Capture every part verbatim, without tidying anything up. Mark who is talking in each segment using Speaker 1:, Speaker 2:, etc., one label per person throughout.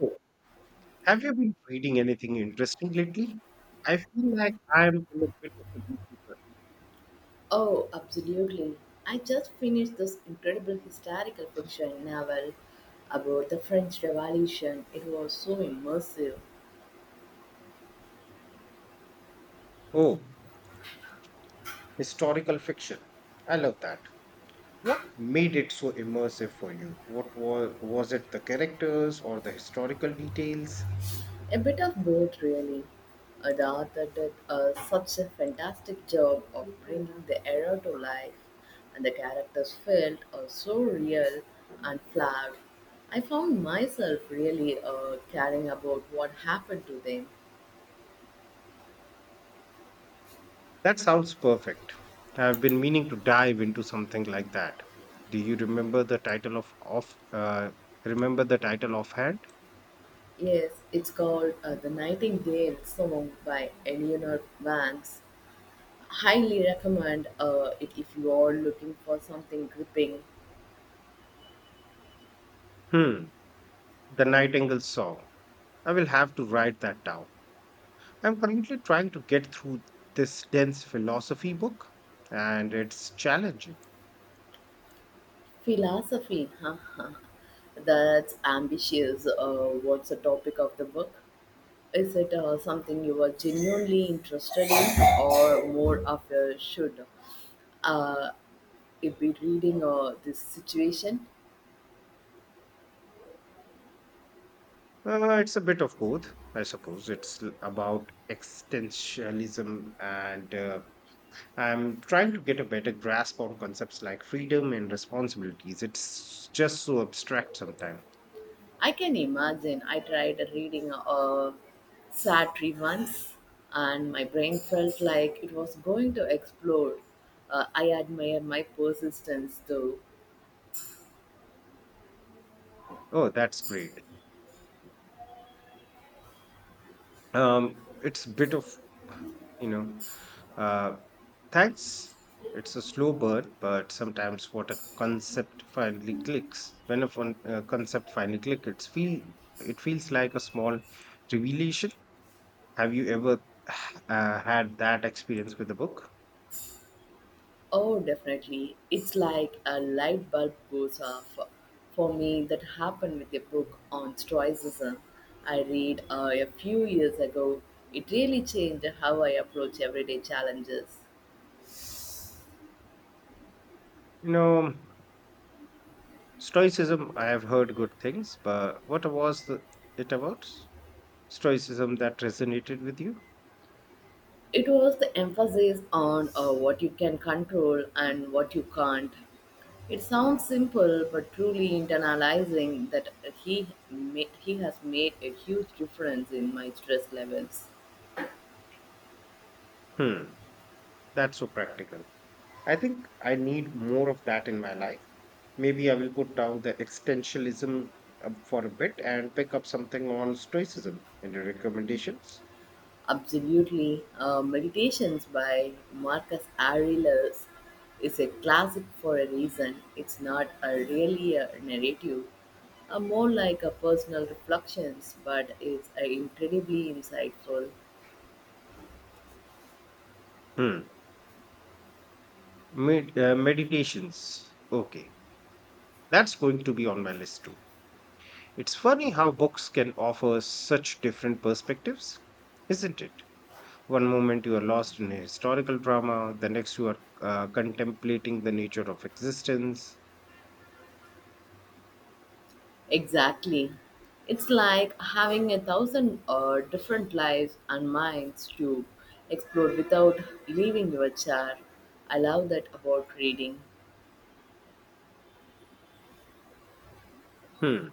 Speaker 1: Oh, have you been reading anything interesting lately? I feel like I'm in a bit of a reading rut.
Speaker 2: Oh, absolutely. I just finished this incredible historical fiction novel about the French Revolution. It was so immersive.
Speaker 1: Oh, historical fiction. I love that. What made it so immersive for you? What was was it the characters or the historical details?
Speaker 2: A bit of both, really. Uh, The author did uh, such a fantastic job of bringing the era to life, and the characters felt uh, so real and flawed. I found myself really uh, caring about what happened to them.
Speaker 1: That sounds perfect. I've been meaning to dive into something like that. Do you remember the title of off uh, Remember the title offhand?
Speaker 2: Yes, it's called uh, The Nightingale Song by Eleanor Vance. Highly recommend uh, it if you are looking for something gripping.
Speaker 1: Hmm, The Nightingale's Song. I will have to write that down. I'm currently trying to get through this dense philosophy book, and it's challenging.
Speaker 2: Philosophy, haha. That's ambitious. Uh, what's the topic of the book? Is it uh, something you are genuinely interested in, or more of a should? Uh, it be reading uh, this situation?
Speaker 1: Uh, it's a bit of both, I suppose. It's l- about existentialism, and uh, I'm trying to get a better grasp on concepts like freedom and responsibilities. It's just so abstract sometimes.
Speaker 2: I can imagine. I tried reading a Sartre once, and my brain felt like it was going to explode. Uh, I admire my persistence, though.
Speaker 1: Oh, that's great. Um, it's a bit of, you know, uh, Thanks. It's a slow burn, but sometimes what a concept finally clicks. When a fun, uh, concept finally clicks, it's feel it feels like a small revelation. Have you ever uh, had that experience with a book?
Speaker 2: Oh, definitely. It's like a light bulb goes off. For me, that happened with a book on Stoicism I read uh, a few years ago. It really changed how I approach everyday challenges.
Speaker 1: You know, Stoicism. I have heard good things, but what was the, it about? Stoicism that resonated with you?
Speaker 2: It was the emphasis on uh, what you can control and what you can't. It sounds simple, but truly internalizing that he ma- he has made a huge difference in my stress levels.
Speaker 1: Hmm, that's so practical. I think I need more of that in my life. Maybe I will put down the existentialism uh, for a bit and pick up something on stoicism. Any recommendations?
Speaker 2: Absolutely, uh, Meditations by Marcus Aurelius is a classic for a reason. It's not a really a narrative, a more like a personal reflections, but it's uh, incredibly insightful.
Speaker 1: Hmm. Med- uh, meditations. Okay. That's going to be on my list too. It's funny how books can offer such different perspectives, isn't it? One moment you are lost in a historical drama, the next you are uh, contemplating the nature of existence.
Speaker 2: Exactly. It's like having a thousand uh, different lives and minds to explore without leaving your chair. I love that about reading.
Speaker 1: Hmm.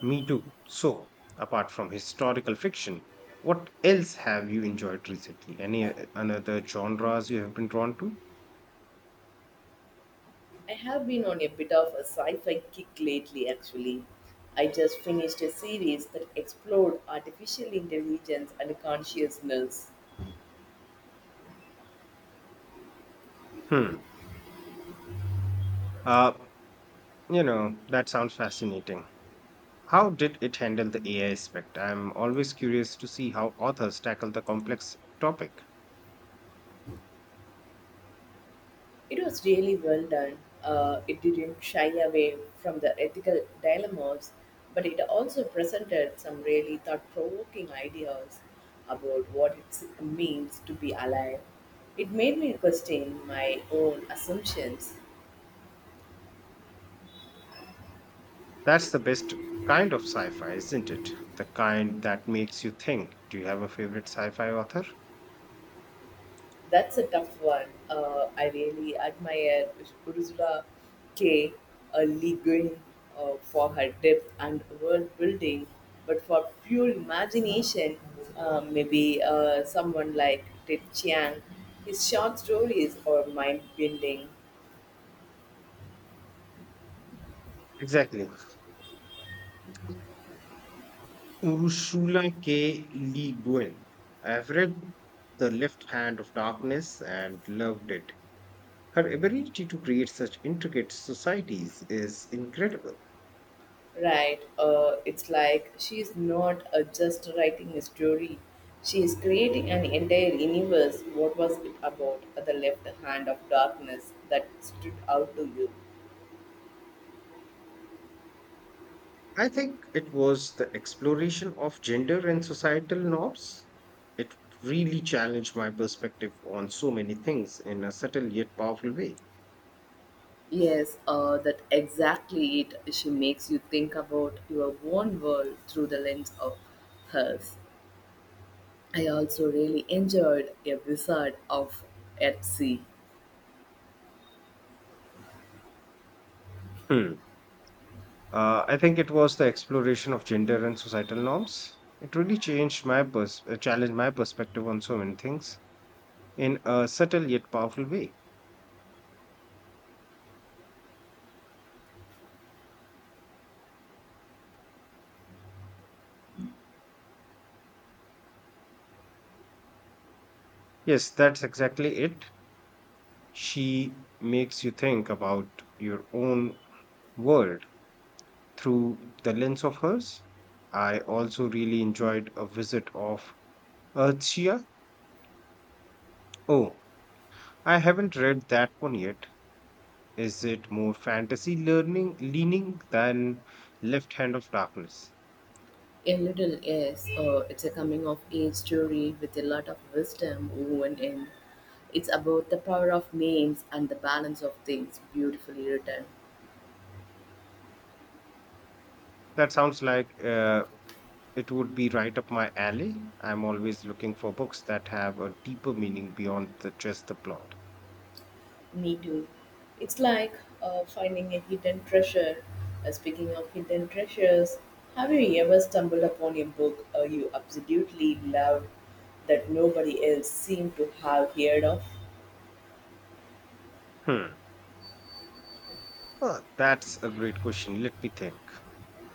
Speaker 1: Me too. So, apart from historical fiction, what else have you enjoyed recently? Any uh, another genres you have been drawn to?
Speaker 2: I have been on a bit of a sci fi kick lately, actually. I just finished a series that explored artificial intelligence and consciousness.
Speaker 1: Hmm. Uh, you know, that sounds fascinating. How did it handle the A I aspect? I'm always curious to see how authors tackle the complex topic.
Speaker 2: It was really well done. Uh, it didn't shy away from the ethical dilemmas, but it also presented some really thought provoking ideas about what it means to be alive. It made me question my own assumptions.
Speaker 1: That's the best kind of sci-fi, isn't it? The kind that makes you think. Do you have a favorite sci-fi author?
Speaker 2: That's a tough one. Uh, I really admire Ursula K. Le Guin uh, for her depth and world building, but for pure imagination, uh, maybe uh, someone like Ted Chiang, his short stories are mind bending,
Speaker 1: Exactly. Ursula K. Le Guin. I've read The Left Hand of Darkness and loved it. Her ability to create such intricate societies is incredible.
Speaker 2: right? Uh, it's like she's not uh, just writing a story. She is creating an entire universe. What was it about the left hand of darkness that stood out to you?
Speaker 1: I think it was the exploration of gender and societal norms. It really challenged my perspective on so many things in a subtle yet powerful way.
Speaker 2: Yes, uh, that exactly it. She makes you think about your own world through the lens of hers. I also really enjoyed A Wizard of at Sea.
Speaker 1: Hmm. Uh, I think it was the exploration of gender and societal norms. It really changed my pers- uh, challenged my perspective on so many things in a subtle yet powerful way. Yes, that's exactly it. She makes you think about your own world through the lens of hers. I also really enjoyed A Visit of Earthshea. Oh, I haven't read that one yet. Is it more fantasy learning leaning than Left Hand of Darkness?
Speaker 2: A little, yes, uh, it's a coming of age story with a lot of wisdom woven in. It's about the power of names and the balance of things, beautifully written.
Speaker 1: That sounds like uh, it would be right up my alley. I'm always looking for books that have a deeper meaning beyond the, just the plot.
Speaker 2: Me too. It's like uh, finding a hidden treasure. Uh, speaking of hidden treasures, have you ever stumbled upon a book uh, you absolutely loved that nobody else seemed to have heard of?
Speaker 1: Hmm. Well, that's a great question. Let me think.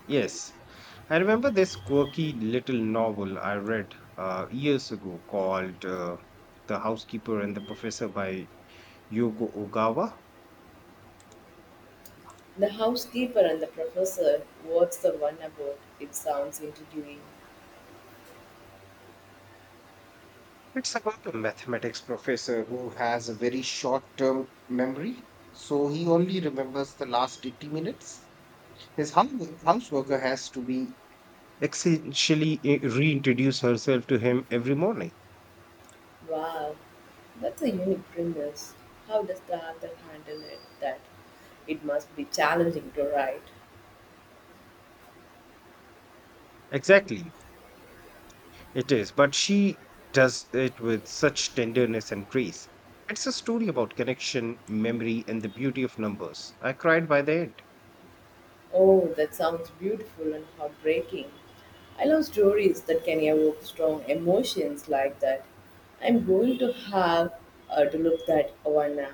Speaker 1: Yes, I remember this quirky little novel I read uh, years ago called uh, The Housekeeper and the Professor by Yoko Ogawa.
Speaker 2: The Housekeeper and the Professor. What's the one about? It sounds intriguing.
Speaker 1: It's about a mathematics professor who has a very short term memory, so he only remembers the last eighty minutes. His hum- houseworker has to be essentially, i- reintroduce herself to him every morning.
Speaker 2: Wow, that's a unique premise. How does the author handle it? That it must be challenging to write.
Speaker 1: Exactly, it is. But she does it with such tenderness and grace. It's a story about connection, memory, and the beauty of numbers. I cried by the end.
Speaker 2: Oh, that sounds beautiful and heartbreaking. I love stories that can evoke strong emotions like that. I'm going to have uh, to look that one up.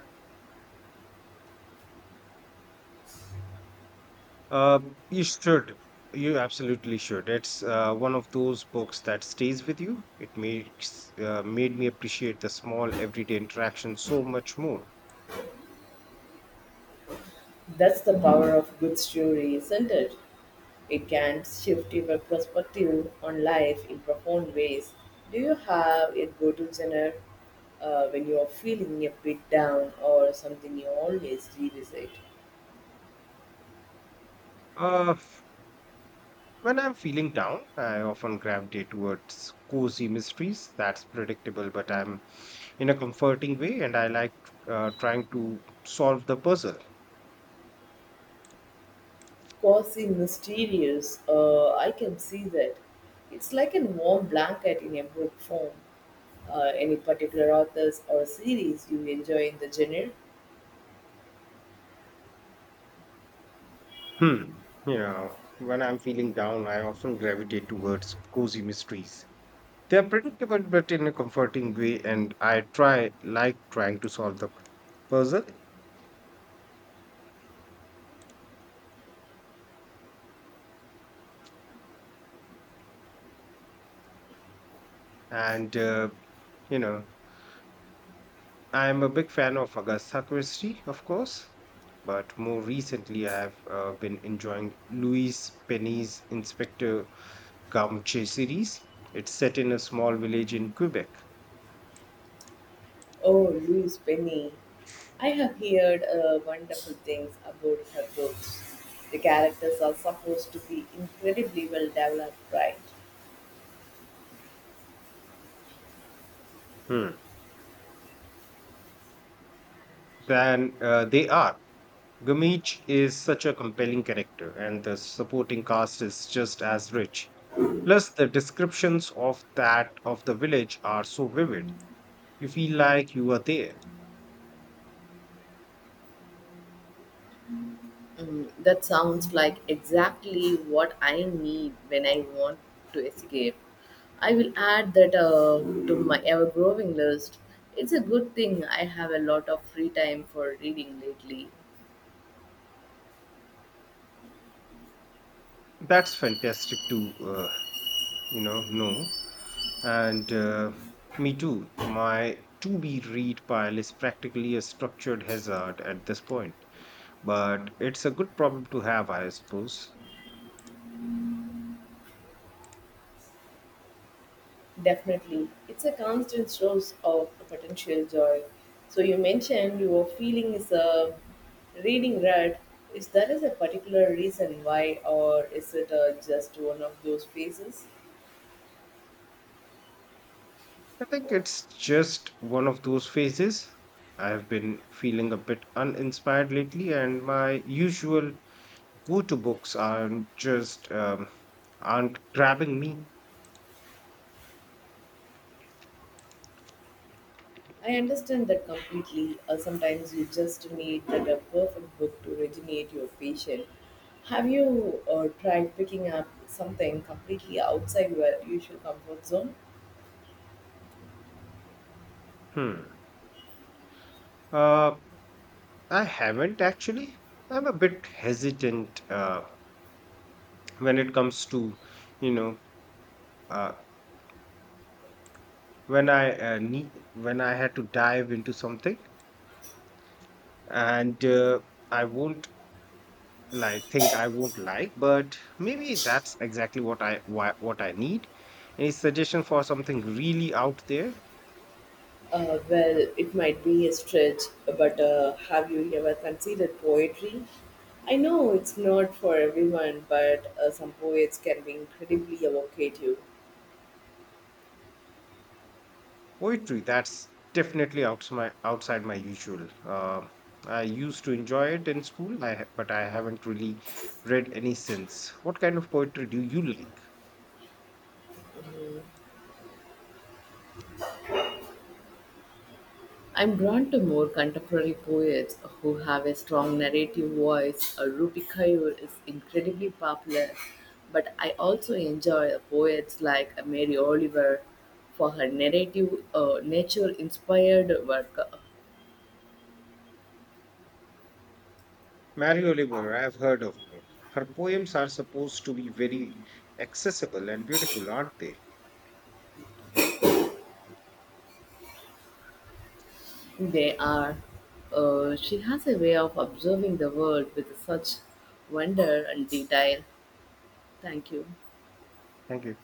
Speaker 1: Um, you should. You absolutely should. It's uh, one of those books that stays with you. It makes uh, made me appreciate the small everyday interaction so much more.
Speaker 2: That's the power of good story, isn't it? It can shift your perspective on life in profound ways. Do you have a go-to genre uh, when you are feeling a bit down or something you always revisit?
Speaker 1: Uh, When I'm feeling down, I often gravitate towards cozy mysteries. That's predictable, but I'm in a comforting way, and I like uh, trying to solve the puzzle.
Speaker 2: Quasi mysterious. Uh, I can see that. It's like a warm blanket in a book form. Uh, any particular authors or series you enjoy in the genre?
Speaker 1: Hmm. You know, when I'm feeling down, I often gravitate towards cozy mysteries. They're predictable, but in a comforting way, and I try like trying to solve the puzzle. And uh, you know, I'm a big fan of Agatha Christie, of course, but more recently I have uh, been enjoying Louise Penny's Inspector Gumche series. It's set in a small village in Quebec.
Speaker 2: Oh, Louise Penny. I have heard uh, wonderful things about her books. The characters are supposed to be incredibly well developed, right?
Speaker 1: Hmm. Then uh, They are. Gumich is such a compelling character, and the supporting cast is just as rich. Plus, the descriptions of that of the village are so vivid. You feel like you are there.
Speaker 2: Mm, that sounds like exactly what I need when I want to escape. I will add that uh, to my ever growing list. It's a good thing I have a lot of free time for reading lately.
Speaker 1: That's fantastic to uh, you know know, and uh, me too. My to be read pile is practically a structured hazard at this point, but it's a good problem to have, I suppose.
Speaker 2: Definitely. It's a constant source of potential joy. So, you mentioned your feeling is a reading rut. Is there is a particular reason why, or is it uh, just one of those phases?
Speaker 1: I think it's just one of those phases. I have been feeling a bit uninspired lately, and my usual go-to books aren't just um, aren't grabbing me.
Speaker 2: I understand that completely. Uh, sometimes you just need that a perfect book to rejuvenate your patient. Have you uh, tried picking up something completely outside your usual comfort zone?
Speaker 1: Hmm. Uh, I haven't actually. I'm a bit hesitant uh, when it comes to, you know, uh, when I uh, need when I had to dive into something, and uh, I won't like think I won't like, but maybe that's exactly what I wha- what I need. Any suggestion for something really out there?
Speaker 2: Uh, well, it might be a stretch, but uh, have you ever considered poetry? I know it's not for everyone, but uh, some poets can be incredibly evocative.
Speaker 1: Poetry, that's definitely out my outside my usual. Uh, I used to enjoy it in school, I, ha- but I haven't really read any since. What kind of poetry do you like?
Speaker 2: I'm drawn to more contemporary poets who have a strong narrative voice. Uh, Rupi Kaur is incredibly popular, but I also enjoy poets like Mary Oliver for her narrative, uh, nature-inspired work.
Speaker 1: Mary Oliver, I've heard of her. Her poems are supposed to be very accessible and beautiful, aren't they?
Speaker 2: They are. Uh, she has a way of observing the world with such wonder and detail. Thank you.
Speaker 1: Thank you.